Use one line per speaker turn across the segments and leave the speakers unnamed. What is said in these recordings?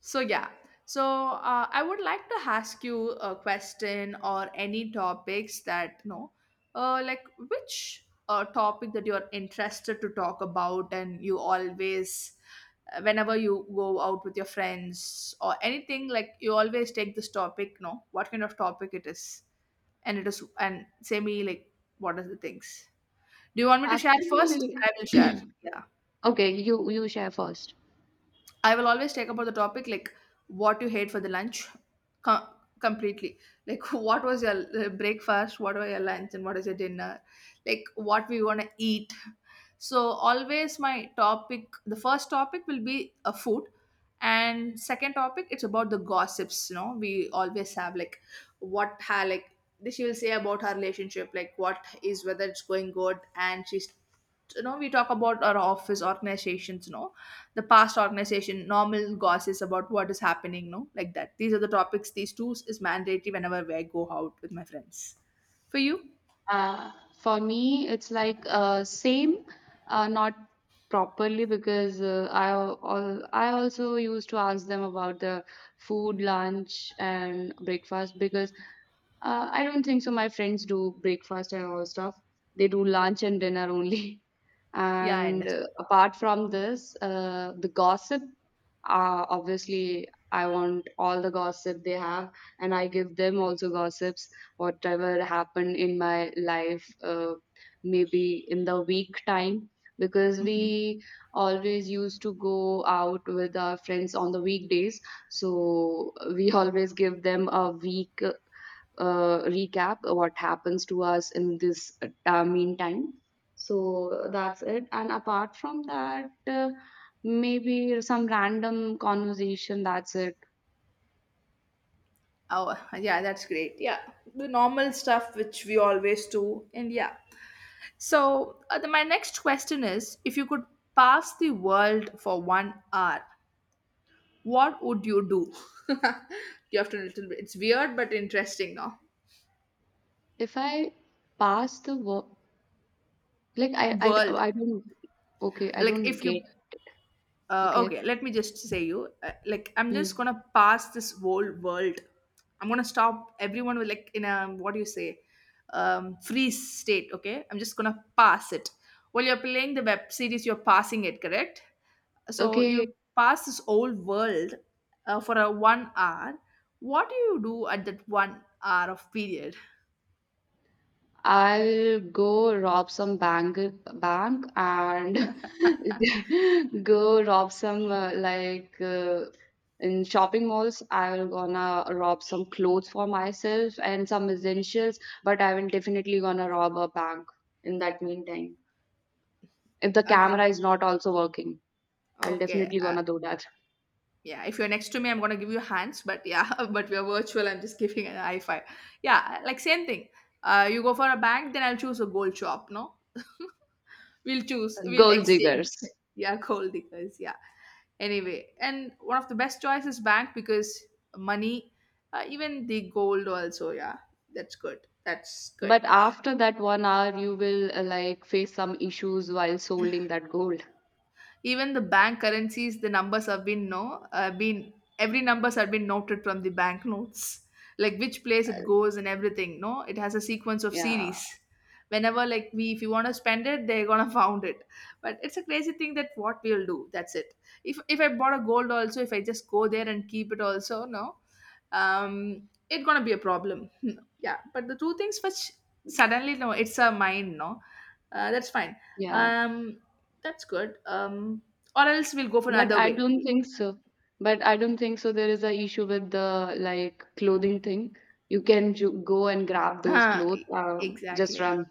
So yeah. So I would like to ask you a question or any topics that like which topic that you're interested to talk about, and you always, whenever you go out with your friends or anything, like you always take this topic. No, what kind of topic it is, and say me like what are the things. Do you want me to share first?
Actually,
I will share. Yeah.
okay, you share first.
I will always take about the topic like what you hate for the lunch com- completely. Like what was your breakfast, what were your lunch, and what is your dinner? Like what we want to eat. So always my topic, the first topic will be a food, and second topic it's about the gossips. You know we always have like what her like she will say about her relationship, like what is whether it's going good, and she's you know we talk about our office organizations. You know the past organization, normal gossip about what is happening, no, like that. These are the topics. These two is mandatory whenever I go out with my friends. For you,
Uh, for me, it's like same, not properly because I also used to ask them about the food, lunch, and breakfast because I don't think so. My friends do breakfast and all stuff. They do lunch and dinner only.
yeah, I
And
understand.
apart from this, the gossip, obviously, I want all the gossip they have, and I give them also gossips, whatever happened in my life, maybe in the week time, because
Hmm.
we always used to go out with our friends on the weekdays. So we always give them a week recap what happens to us in this meantime. So that's it. And apart from that, maybe some random conversation. That's it.
Oh, yeah, that's great. Yeah, the normal stuff which we always do, and yeah. So the, my next question is: if you could pass the world for 1 hour, what would you do? You have to. Little bit. It's weird but interesting now.
If I pass the work, like
World,
I don't. Okay, I
like
don't
if
get.
you
Okay.
okay, let me just say you like I'm just
Hmm.
gonna pass this whole world. I'm gonna stop everyone with like in a what do you say freeze state. Okay, I'm just gonna pass it while you're playing the web series, you're passing it, correct? So
Okay,
you pass this whole world for a 1 hour. What do you do at that 1 hour of period?
I'll go rob some bank and go rob some like in shopping malls. I'll gonna rob some clothes for myself and some essentials, but I will definitely gonna rob a bank in that meantime. If the
Agree.
camera is not also working, I'll
Okay,
definitely gonna do that.
yeah, if you're next to me, I'm gonna give you hands, but yeah, but we are virtual. I'm just giving an high five. Yeah, like same thing. You go for a bank, then I'll choose a gold shop. No, we'll choose, we'll
Gold diggers.
exchange. Yeah, gold diggers. Yeah. Anyway, and one of the best choices bank because money, even the gold also. Yeah, that's good. That's good.
But after that one hour, you will like face some issues while holding that gold.
Even the bank currencies the numbers have been no been every numbers have been noted from the banknotes, like which place it goes and everything, no, it has a sequence of
Yeah,
series whenever like we, if you want to spend it they're gonna found it. But it's a crazy thing that what we'll do, that's it. If I bought a gold also, if I just go there and keep it also, no, it's gonna be a problem. Hmm. Yeah, but the two things which suddenly no it's a mind no. That's fine.
yeah.
um that's good. Or else we'll go for
But
another
I
way.
don't think so. But I don't think so. There is a issue with the like clothing thing. You can ju go and grab those
Huh,
clothes. Just
exactly,
run.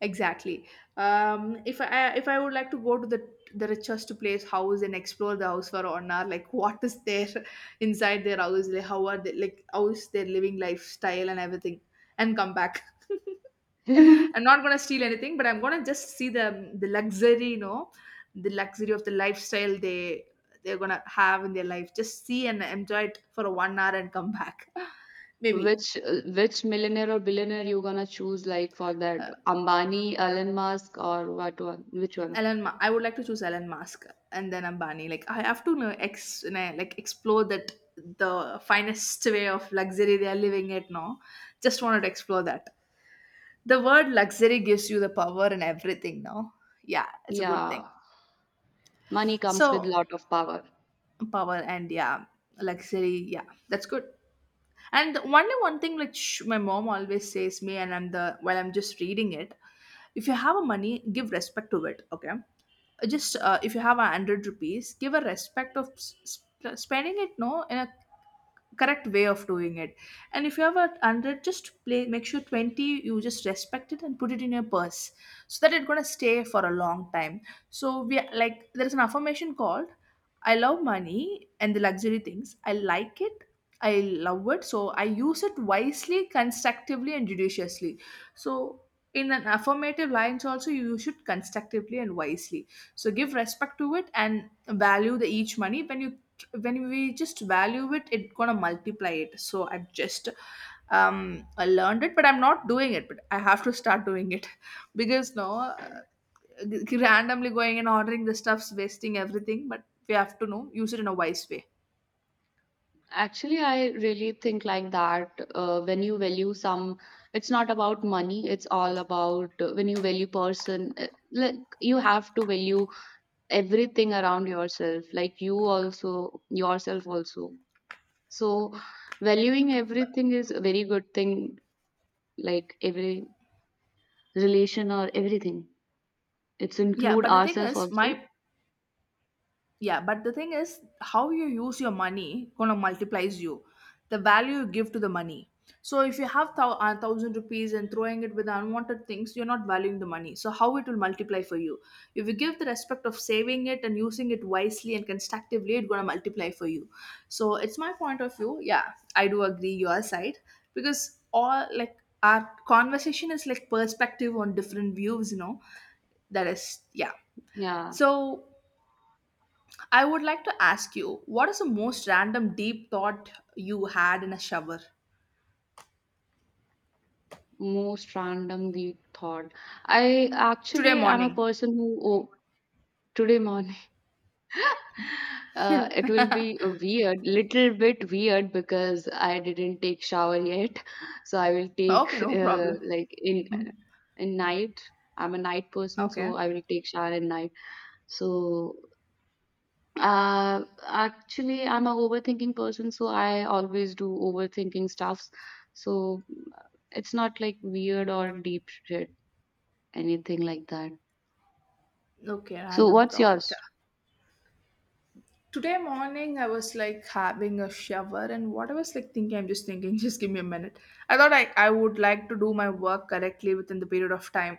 exactly. If I would like to go to the richest place house and explore the house for an hour, like what is there inside their house, like how are they like how is their living lifestyle and everything, and come back. I'm not gonna steal anything, but I'm gonna just see the luxury, you know, the luxury of the lifestyle they they're gonna have in their life. Just see and enjoy it for 1 hour and come back. Maybe
Which millionaire or billionaire you gonna choose like for that?
uh,
Ambani, Elon Musk, or what one? Which one?
Elon. I would like to choose Elon Musk and then Ambani. Like I have to know ex you know, like explore that the finest way of luxury they are living it now. Just wanted to explore that. The word luxury gives you the power and everything now. Yeah, it's a good
Yeah,
thing.
money comes with
So
lot of power.
power and yeah, luxury, yeah, that's good. And only one thing which my mom always says me, and I'm the while I'm just reading it, if you have a money give respect to it. Okay, just if you have 100 rupees, give a respect of spending it, no, in a correct way of doing it. And if you have a 100 just play, make sure 20 you just respect it and put it in your purse so that it's going to stay for a long time. So we are- like there's an affirmation called I love money and the luxury things I like it, I love it. So I use it wisely, constructively and judiciously. So in an affirmative lines also you should constructively and wisely. So give respect to it and value the each money. When you when we just value it, it gonna multiply it. So I've just I learned it, but I'm not doing it, but I have to start doing it. Because no randomly going and ordering the stuff's wasting everything, but we have to know use it in a wise way.
Actually, I really think like that. When you value some, it's not about money. It's all about when you value person. Like you have to value everything around yourself, like you also, yourself also, so valuing everything is a very good thing, like every relation or everything. It's
Yeah,
include
but the thing
ourselves
is
also.
my. Yeah, but the thing is, how you use your money gonna multiplies you, the value you give to the money. So if you have 1,000 rupees and throwing it with unwanted things, you're not valuing the money. So how it will multiply for you? If you give the respect of saving it and using it wisely and constructively, it's gonna multiply for you. So it's my point of view. Yeah, I do agree your side, because all like our conversation is like perspective on different views. You know that is, yeah.
Yeah.
So I would like to ask you, what is the most random deep thought you had in a shower
Most random deep thought. I
today
actually am a
morning?
person who oh, today morning. It will be a weird, little bit weird, because I didn't take shower yet. So I will take
Okay, no problem.
like in
Hmm.
in night. I'm a night person, so
Okay.
I will take shower at night. So uh actually, I'm a overthinking person, so I always do overthinking stuffs. So it's not like weird or deep shit anything like that.
Okay,
So
random
what's
thought.
yours?
Today morning, I was like having a shower, and what I was like thinking, I'm just thinking, just give me a minute. I thought I would like to do my work correctly within the period of time.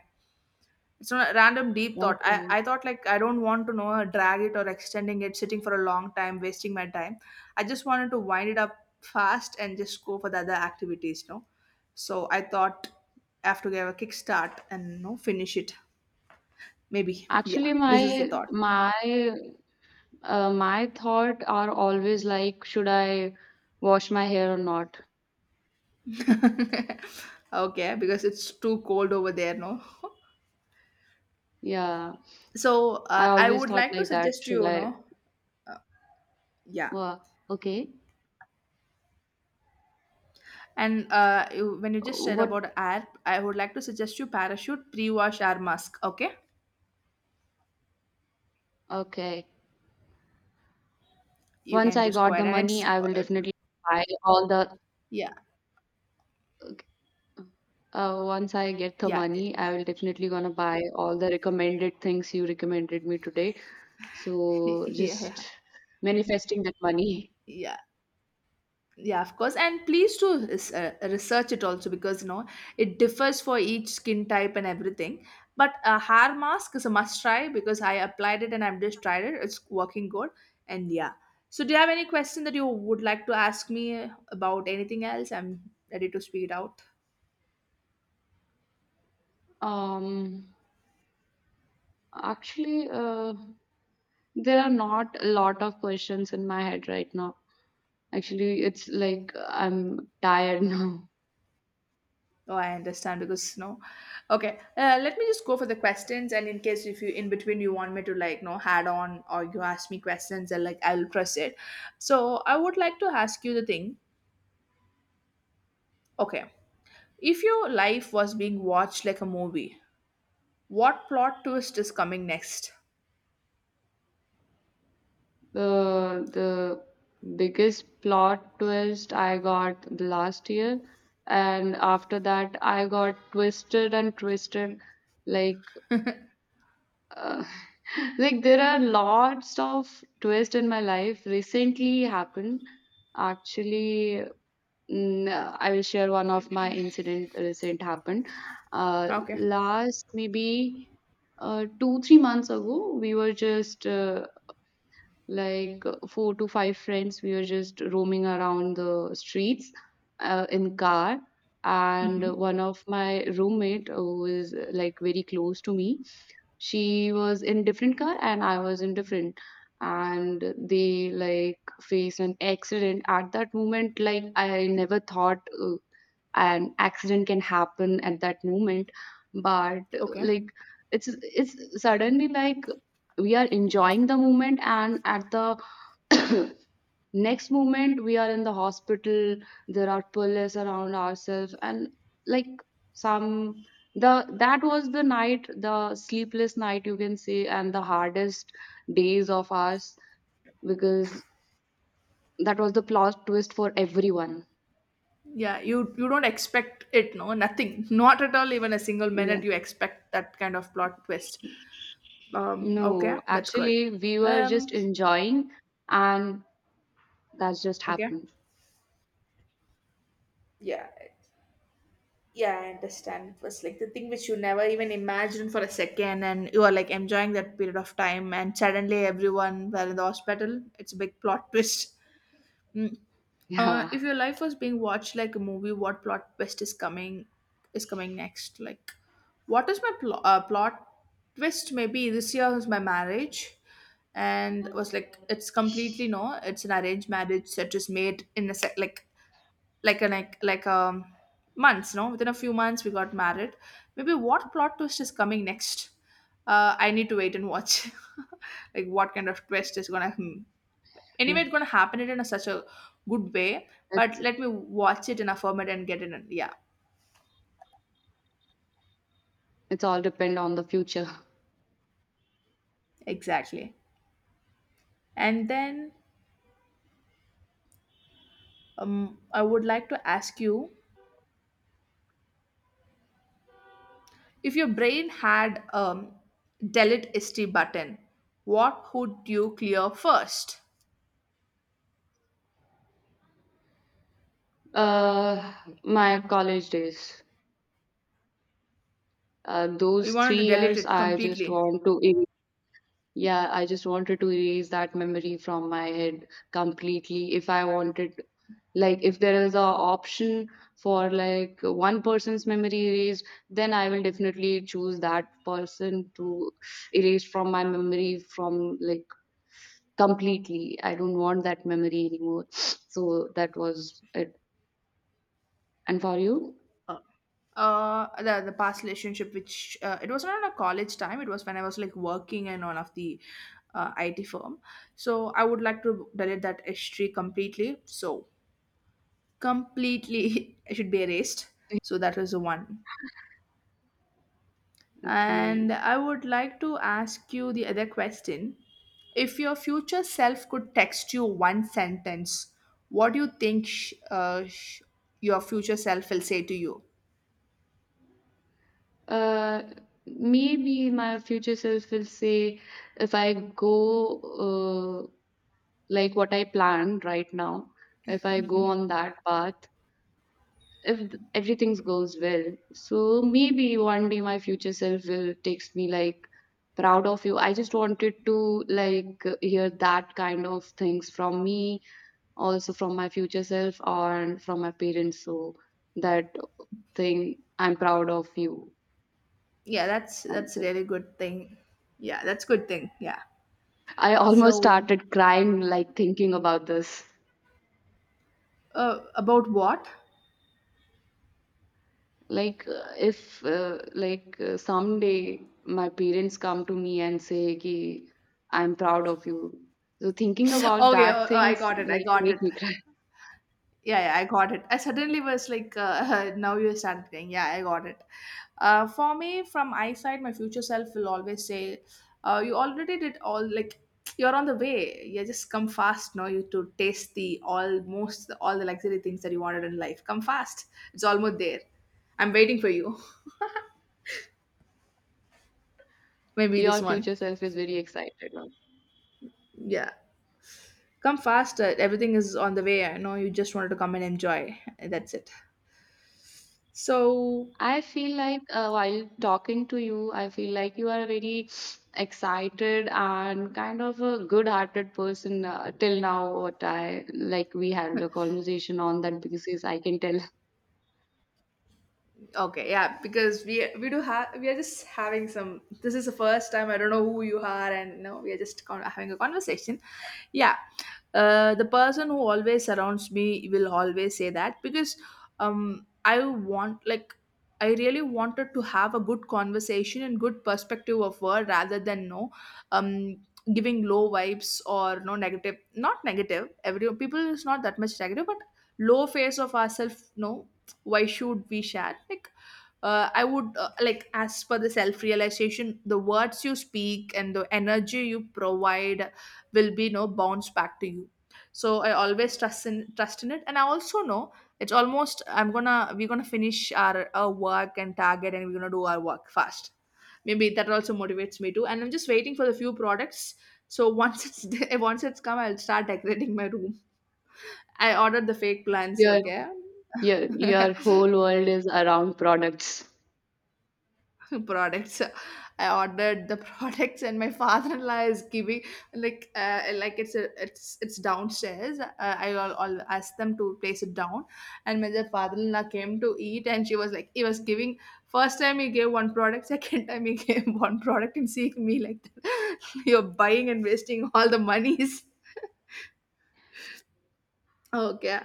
It's not a random deep thought.
Okay,
I thought like I don't want to know drag it or extending it, sitting for a long time, wasting my time. I just wanted to wind it up fast and just go for the other activities, no? So I thought I have to give a kickstart and no finish it. Maybe. Yeah.
actually
This is the thought.
my thought are always like should I wash my hair or not.
Okay, because it's too cold over there, no?
Yeah,
So
I
I
always
would
thought
like to
like that.
suggest
Should
you, you
I,
know, yeah.
well, okay,
And you- when you just said
what.
about air, I would like to suggest you parachute pre-wash air mask. Okay,
Okay.
you
Once
can
I
just go
got the
ahead and
money,
it's
I will definitely buy all the
yeah
once I get the
yeah.
money, I will definitely gonna buy all the recommended things you recommended me today. So
Yeah
just
yeah,
manifesting that money.
yeah yeah, of course, and please do research it also because you know it differs for each skin type and everything. But a hair mask is a must try because I applied it and I've just tried it. It's working good, and yeah. So do you have any question that you would like to ask me about anything else? I'm ready to speak it out.
Um, Actually, there are not a lot of questions in my head right now. Actually, it's like I'm tired now.
Oh, I understand because no. Okay, let me just go for the questions, and in case if you in between you want me to like no add on or you ask me questions, and like I'll press it. So I would like to ask you the thing. Okay, if your life was being watched like a movie, what plot twist is coming next?
The biggest plot twist I got the last year, and after that I got twisted and twisted. Like uh, like there are lots of twists in my life. Recently happened. Actually, I will share one of my incident recent happened.
Okay.
Last maybe 2 3 months ago, we were just like 4 to 5 friends, we were just roaming around the streets in car, and
Mm-hmm.
one of my roommate, who is like very close to me, she was in different car and I was in different, and they like faced an accident at that moment. Like I never thought an accident can happen at that moment, but
Okay.
like it's suddenly, like we are enjoying the moment and at the next moment we are in the hospital. There are police around ourselves and like some the, that was the night, the sleepless night you can say, and the hardest days of ours, because that was the plot twist for everyone.
Yeah, you don't expect it, no, nothing, not at all, even a single
Yeah,
minute. You expect that kind of plot twist. Okay,
no,
that's good.
actually we were just
Um.
enjoying and that's just
Okay.
happened.
Yeah, yeah, I understand. It was like the thing which you never even imagined for a second, and you are like enjoying that period of time, and suddenly everyone were in the hospital. It's a big plot twist. Mm.
Yeah.
If your life was being watched like a movie, what plot twist is coming next? Like, what is my plot twist? Maybe this year is my marriage, and was like it's completely no, it's an arranged marriage that is made in a sec like an like months no within a few months we got married. Maybe what plot twist is coming next? I need to wait and watch. Like what kind of twist is gonna hmm.
Yeah.
Anyway it's gonna happen it in a, such a good way, but
it's
let me watch it in a format and get it in, yeah,
it's all depend on the future.
exactly. And then I would like to ask you, if your brain had delete st button, what would you clear first?
uh my college days.
You
Those
wanted
three
to delete
years,
it
I just
completely.
want to, yeah, I just wanted to erase that memory from my head completely. If I wanted, like, if there is a option for like one person's memory erased, then I will definitely choose that person to erase from my memory from like completely. I don't want that memory anymore. So that was it. And for you?
Uh, the past relationship, which it was not a college time, it was when I was like working in one of the IT firm. So I would like to delete that history completely. So completely, it should be erased. So that was the one.
Okay.
And I would like to ask you the other question. If your future self could text you one sentence, what do you think your future self will say to you?
Uh, Maybe my future self will say if I go like what I planned right now, if I go on that path, if everything goes well, so maybe one day my future self will takes me like, proud of you. I just wanted to like hear that kind of things from me, also from my future self or from my parents. So that thing, I'm proud of you.
Yeah, that's
That's
that's a
it.
really good thing. Yeah, that's good thing, yeah.
I almost
So
started crying, like thinking about this.
about what?
Like, if, like, someday my parents come to me and say, Ki, I'm proud of you. So, thinking about
Okay,
that
i
things,
got it i
like,
got it
make me cry.
Yeah, yeah, I got it. I suddenly was like now you started saying yeah I got it. Uh, for me from eyesight my future self will always say, you already did all, like you're on the way, yeah, just come fast. No, you to taste the almost all the luxury things that you wanted in life, come fast. It's almost there. I'm waiting for you. Maybe
Your
this one.
future self is very excited now.
Yeah, come faster, everything is on the way. I know you just wanted to come and enjoy. That's it. So
I feel like while talking to you, I feel like you are a very excited and kind of a good-hearted person till now. What I like, we had a conversation on that because yes, I can tell.
okay, yeah, because we do have, we are just having some. This is the first time I don't know who you are, and no, we are just having a conversation. Yeah, the person who always surrounds me will always say that because I want, like I really wanted to have a good conversation and good perspective of word rather than no, um giving low vibes or no negative, not negative, every people is not that much negative, but low face of ourselves, no, why should we share, like I would like, as per the self realization, the words you speak and the energy you provide will be no bounce back to you. So I always trust in, trust in it, and I also know it's almost I'm gonna, we're gonna finish our work and target, and we're gonna do our work fast. Maybe that also motivates me too, and I'm just waiting for the few products. So once it's once it's come, I'll start decorating my room. I ordered the fake plants,
Your.
okay.
Your whole world is around products.
Products. I ordered the products, and my father-in-law is giving, like it's a, it's downstairs. I all asked them to place it down. And when the father-in-law came to eat, and she was like, he was giving, first time he gave one product, second time he gave one product, and seeing me like that, you're buying and wasting all the monies. Okay.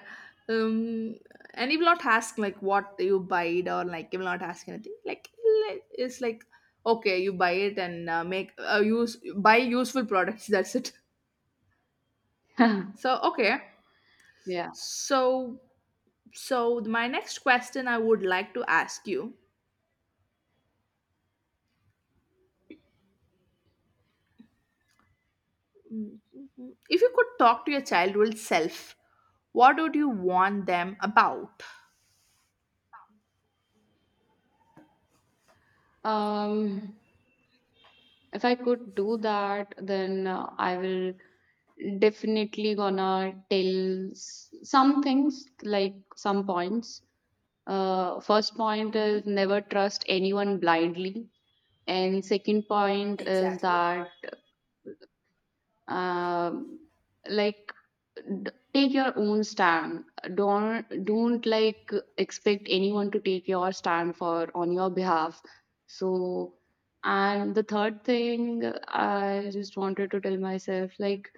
Um, and he will not ask like what you buy it, or like he will not ask anything. Like it's like, okay, you buy it and make use, buy useful products. That's it. So okay.
Yeah.
So so my next question I would like to ask you, if you could talk to your childhood self, what would you want them about?
Um, if I could do that, then I will definitely gonna tell some things like some points. First point is never trust anyone blindly, and second point is that um, like take your own stand. Don't like expect anyone to take your stand for on your behalf. So, and the third thing I just wanted to tell myself, like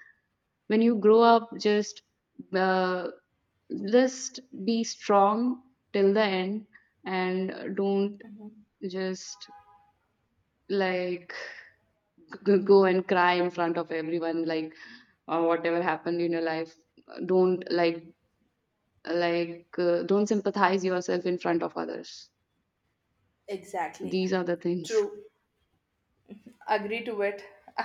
when you grow up, uh, just be strong till the end, and don't just like go and cry in front of everyone, like, or whatever happened in your life, don't don't sympathize yourself in front of others.
Exactly.
These are the things.
True. Agree to it.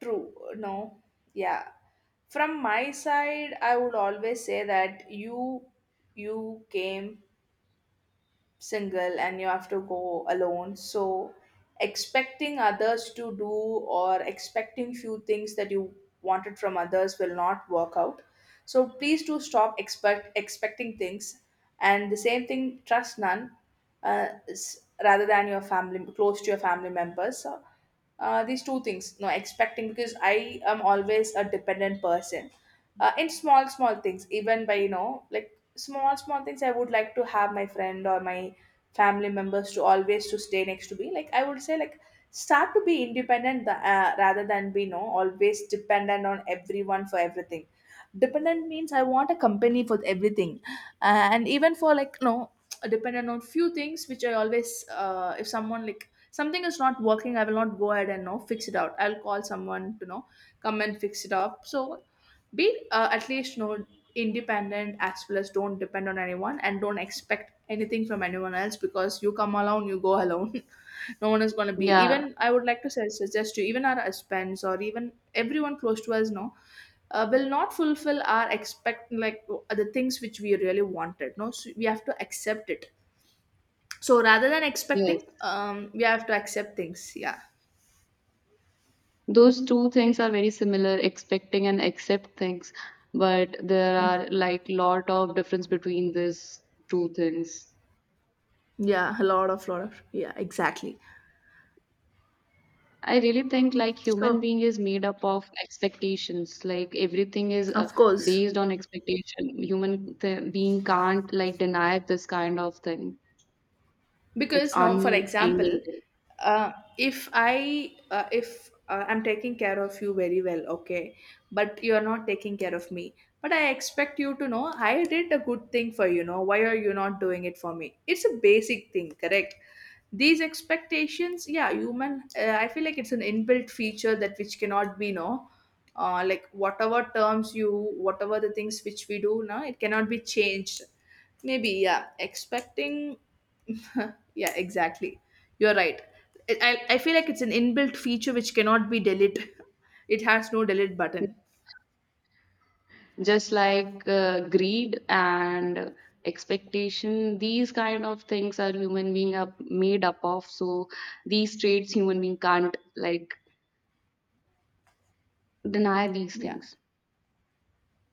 True. No. Yeah. From my side, I would always say that you came single and you have to go alone. So expecting others to do, or expecting few things that you wanted from others, will not work out. So please do stop expecting things. And the same thing, trust none, rather than your family, close to your family members. So these two things, no, expecting, because I am always a dependent person. Uh, in small small things, even by you know, like small small things, I would like to have my friend or my family members to always to stay next to me. Like I would say like, start to be independent, rather than be, no, always dependent on everyone for everything. Dependent means I want a company for everything. And even for like no, dependent on few things, which I always, if someone, like something is not working, I will not go ahead and no fix it out, I'll call someone to know, come and fix it up. So be at least you know, independent, as well as don't depend on anyone and don't expect anything from anyone else, because you come alone, you go alone. No one is going to be,
Yeah.
even I would like to suggest you, even our husbands or even everyone close to us, no, will not fulfill our expect, like the things which we really wanted, no, so we have to accept it. So rather than
Yes.
expecting, we have to accept things, yeah.
Those two things are very similar, expecting and accept things, but there are like lot of difference between these two things.
Yeah, a lot of, lot of, yeah, exactly.
I really think like human
So
being is made up of expectations. Like everything is
of course,
based on expectation. Human being can't like deny this kind of thing. It's
because now for
unending
example,
thing.
uh, if I if I'm taking care of you very well, okay, but you're not taking care of me. But I expect you to know, I did a good thing for you, know why are you not doing it for me? It's a basic thing, correct? These expectations, yeah, human, I feel like it's an inbuilt feature that which cannot be no, like whatever terms you, whatever the things which we do now, it cannot be changed. Maybe, yeah, expecting. Yeah, exactly, you're right. I feel like it's an inbuilt feature which cannot be deleted. It has no delete button.
Just like greed and expectation, these kind of things are human being are made up of. So these traits human being can't like deny these
Yeah,
things.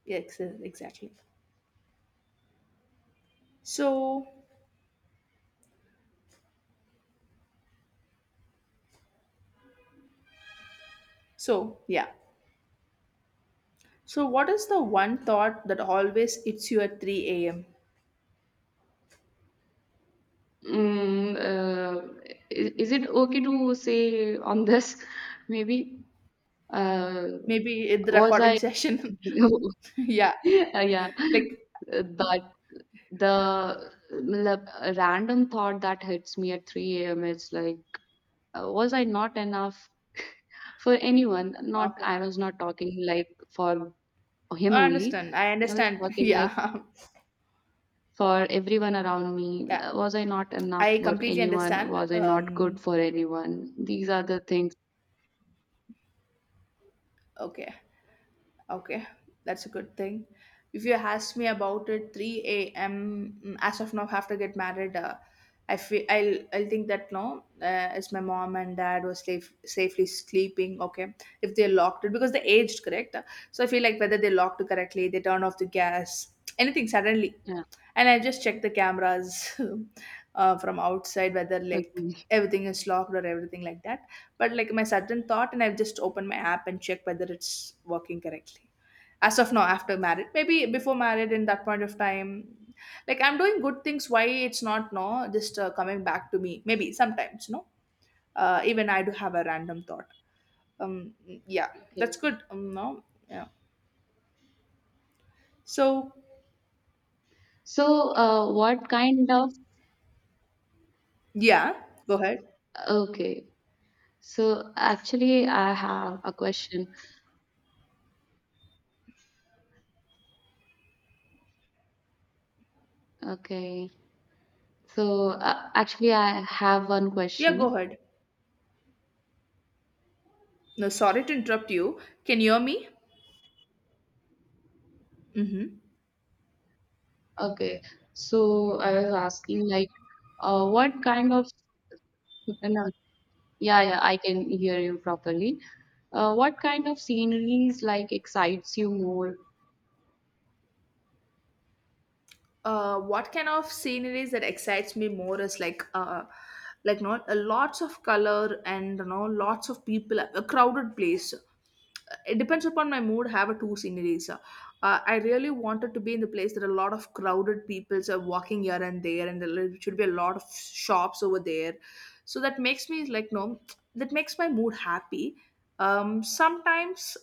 yeah, exactly. So so yeah. So what is the one thought that always hits you at 3 a.m?
Mm, uh, is it okay to say on this? Maybe. Uh,
Maybe in the
was
recording
I?
session. Yeah,
Yeah,
like
but the a random thought that hits me at 3 a.m. is like, was I not enough for anyone? Not,
okay.
I was not talking like for him
I
only.
understand. I
I was
understand.
talking like
Yeah.
for everyone around me.
Yeah.
Was I not enough
I
for
completely
anyone?
understand.
Was I not good for anyone? These are the things.
Okay. Okay, that's a good thing. If you ask me about it, 3 a.m., mm, as of now, have to get married. I feel I'll think that no, it's my mom and dad was safe, safely sleeping. Okay, if they locked it because they aged, correct, so I feel like whether they locked it correctly, they turn off the gas, anything suddenly,
Yeah.
and I just check the cameras, from outside whether like
Okay.
everything is locked or everything like that. But like my sudden thought, and I've just opened my app and check whether it's working correctly. As of now after married, maybe before married, in that point of time, like I'm doing good things, why it's not no just coming back to me, maybe sometimes no, even I do have a random thought. um yeah, that's
Okay.
good. No, yeah. So
So, what kind of,
yeah, go ahead.
okay? So actually, I have a question. Okay. So actually, I have one
Yeah, go
question.
ahead, no, sorry to interrupt you, can you hear me? Mm-hmm.
Okay. So I was asking like, what kind of, no, yeah, yeah, I can hear you properly. What kind of sceneries like excites you more?
Uh, what kind of sceneries that excites me more is like, like not, lots of color and you know, lots of people, a crowded place. It depends upon my mood. Have a two sceneries. Uh, I really wanted to be in the place that a lot of crowded people are walking here and there, and there should be a lot of shops over there. So that makes me like no, that makes my mood happy. Sometimes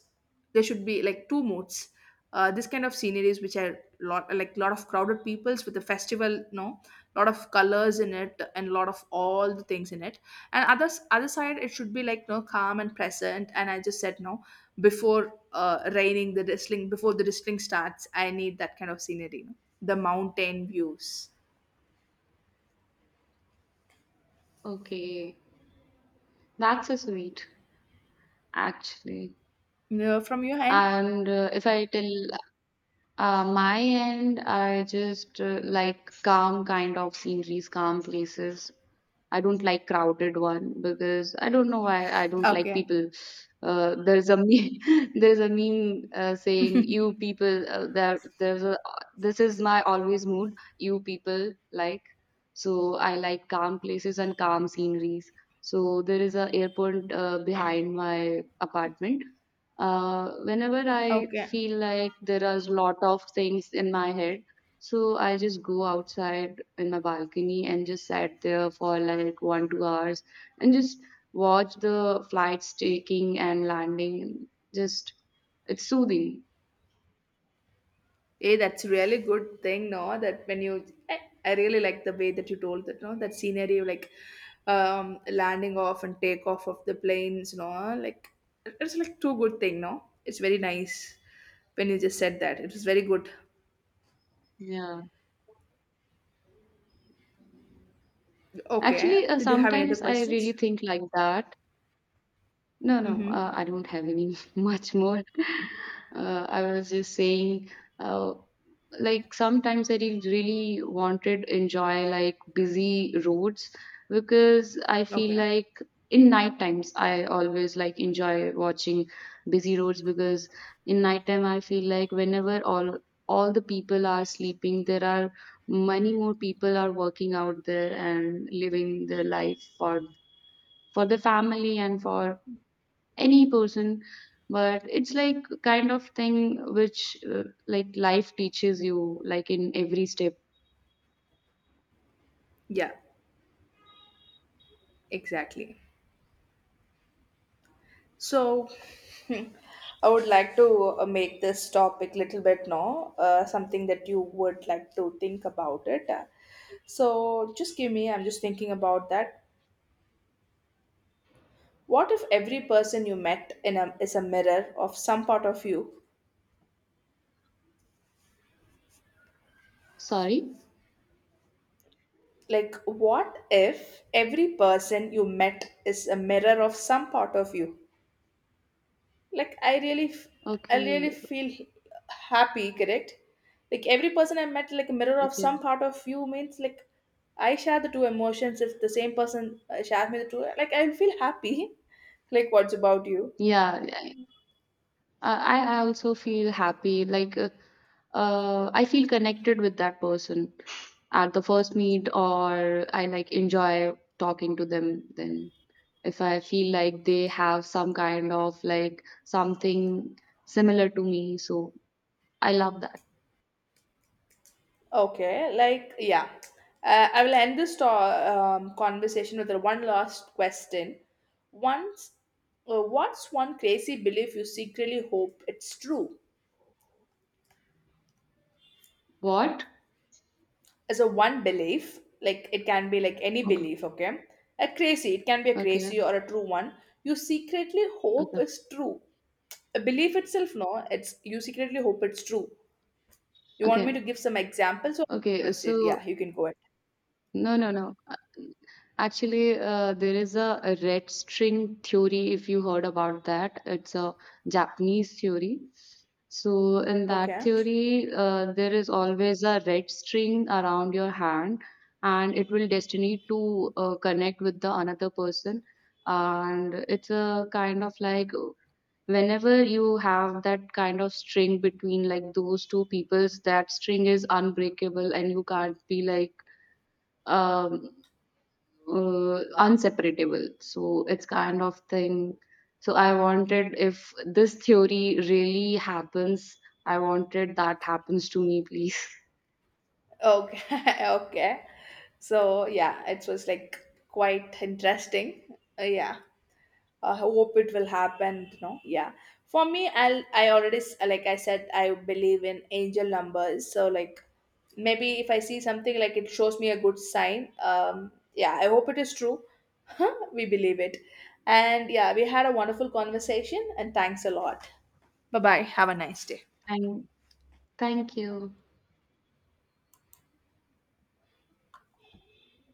there should be like two moods. Uh, this kind of sceneries which are lot, like lot of crowded peoples with a festival, no, lot of colors in it and lot of all the things in it. And other side it should be like no, calm and present, and I just said no, before raining, the drizzling, before the drizzling starts, I need that kind of scenery, the mountain views.
Okay, that's so sweet, actually.
You know, from your end.
And if I tell. My end, I just like calm kind of sceneries, calm places. I don't like crowded one because I don't know why I don't like
Okay,
people. There's a meme, there's a meme saying you people, there's a, this is my always mood, you people like, so I like calm places and calm sceneries. So there is a airport behind my apartment, whenever I
okay.
feel like there are a lot of things in my head, so I just go outside in my balcony and just sat there for like one, 2 hours and just watch the flights taking and landing. Just, it's soothing.
Hey, that's really good thing, no? That when you, I really like the way that you told that, no? That scenery, like landing off and take off of the planes, no? Like, it's like too good thing, no? It's very nice when you just said that. It was very good.
Yeah. Actually,
Okay. Did you have any other
sometimes I really
questions?
think like that. No, no,
Mm-hmm.
I don't have any much more. I was just saying, uh, like sometimes I really wanted enjoy like busy roads, because I feel
Okay.
like in night times I always like enjoy watching busy roads, because in night time I feel like whenever all the people are sleeping, there are many more people are working out there and living their life for the family and for any person, but it's like kind of thing which like life teaches you like in every step.
Yeah, exactly. So, hmm, I would like to make this topic little bit now, something that you would like to think about it. So, just give me, I'm just thinking about that. What if every person you met in a, is a mirror of some part of you?
Sorry.
Like, what if every person you met is a mirror of some part of you? Like I really I really
Okay,
feel happy, correct? Like every person I met, like a mirror of
okay.
some part of you, means like I share the two emotions, if the same person shares me the two, like I feel happy. Like what's about you?
Yeah, I also feel happy, like I feel connected with that person at the first meet, or I like enjoy talking to them. Then if I feel like they have some kind of like something similar to me, so I love that.
Okay, like yeah. Uh, I will end this conversation with one last question. Once, what's one crazy belief you secretly hope it's true?
What.
So one belief, like it can be like any belief, okay, a crazy, it can be a
Okay,
crazy or a true one, you secretly hope
okay,
is true, a belief itself, no, it's you secretly hope it's true. You want me
okay,
to give some examples, or
okay.
proceed?
So,
Yeah, you can go ahead.
no, no, no. Actually, there is a red string theory, if you heard about that. It's a Japanese theory. So, in that
Okay,
theory, there is always a red string around your hand, and it will destiny to connect with the another person. And it's a kind of like whenever you have that kind of string between like those two peoples, that string is unbreakable, and you can't be like um unseparable, so it's kind of thing. So I wanted, if this theory really happens, I wanted that happens to me please.
okay. Okay, so yeah, it was like quite interesting. Yeah. I hope it will happen, no, yeah. For me, I'll, I already like I said, I believe in angel numbers, so like maybe if I see something like it shows me a good sign. Yeah, I hope it is true. We believe it. And yeah, we had a wonderful conversation and thanks a lot. Bye bye. Have a nice day.
And thank you.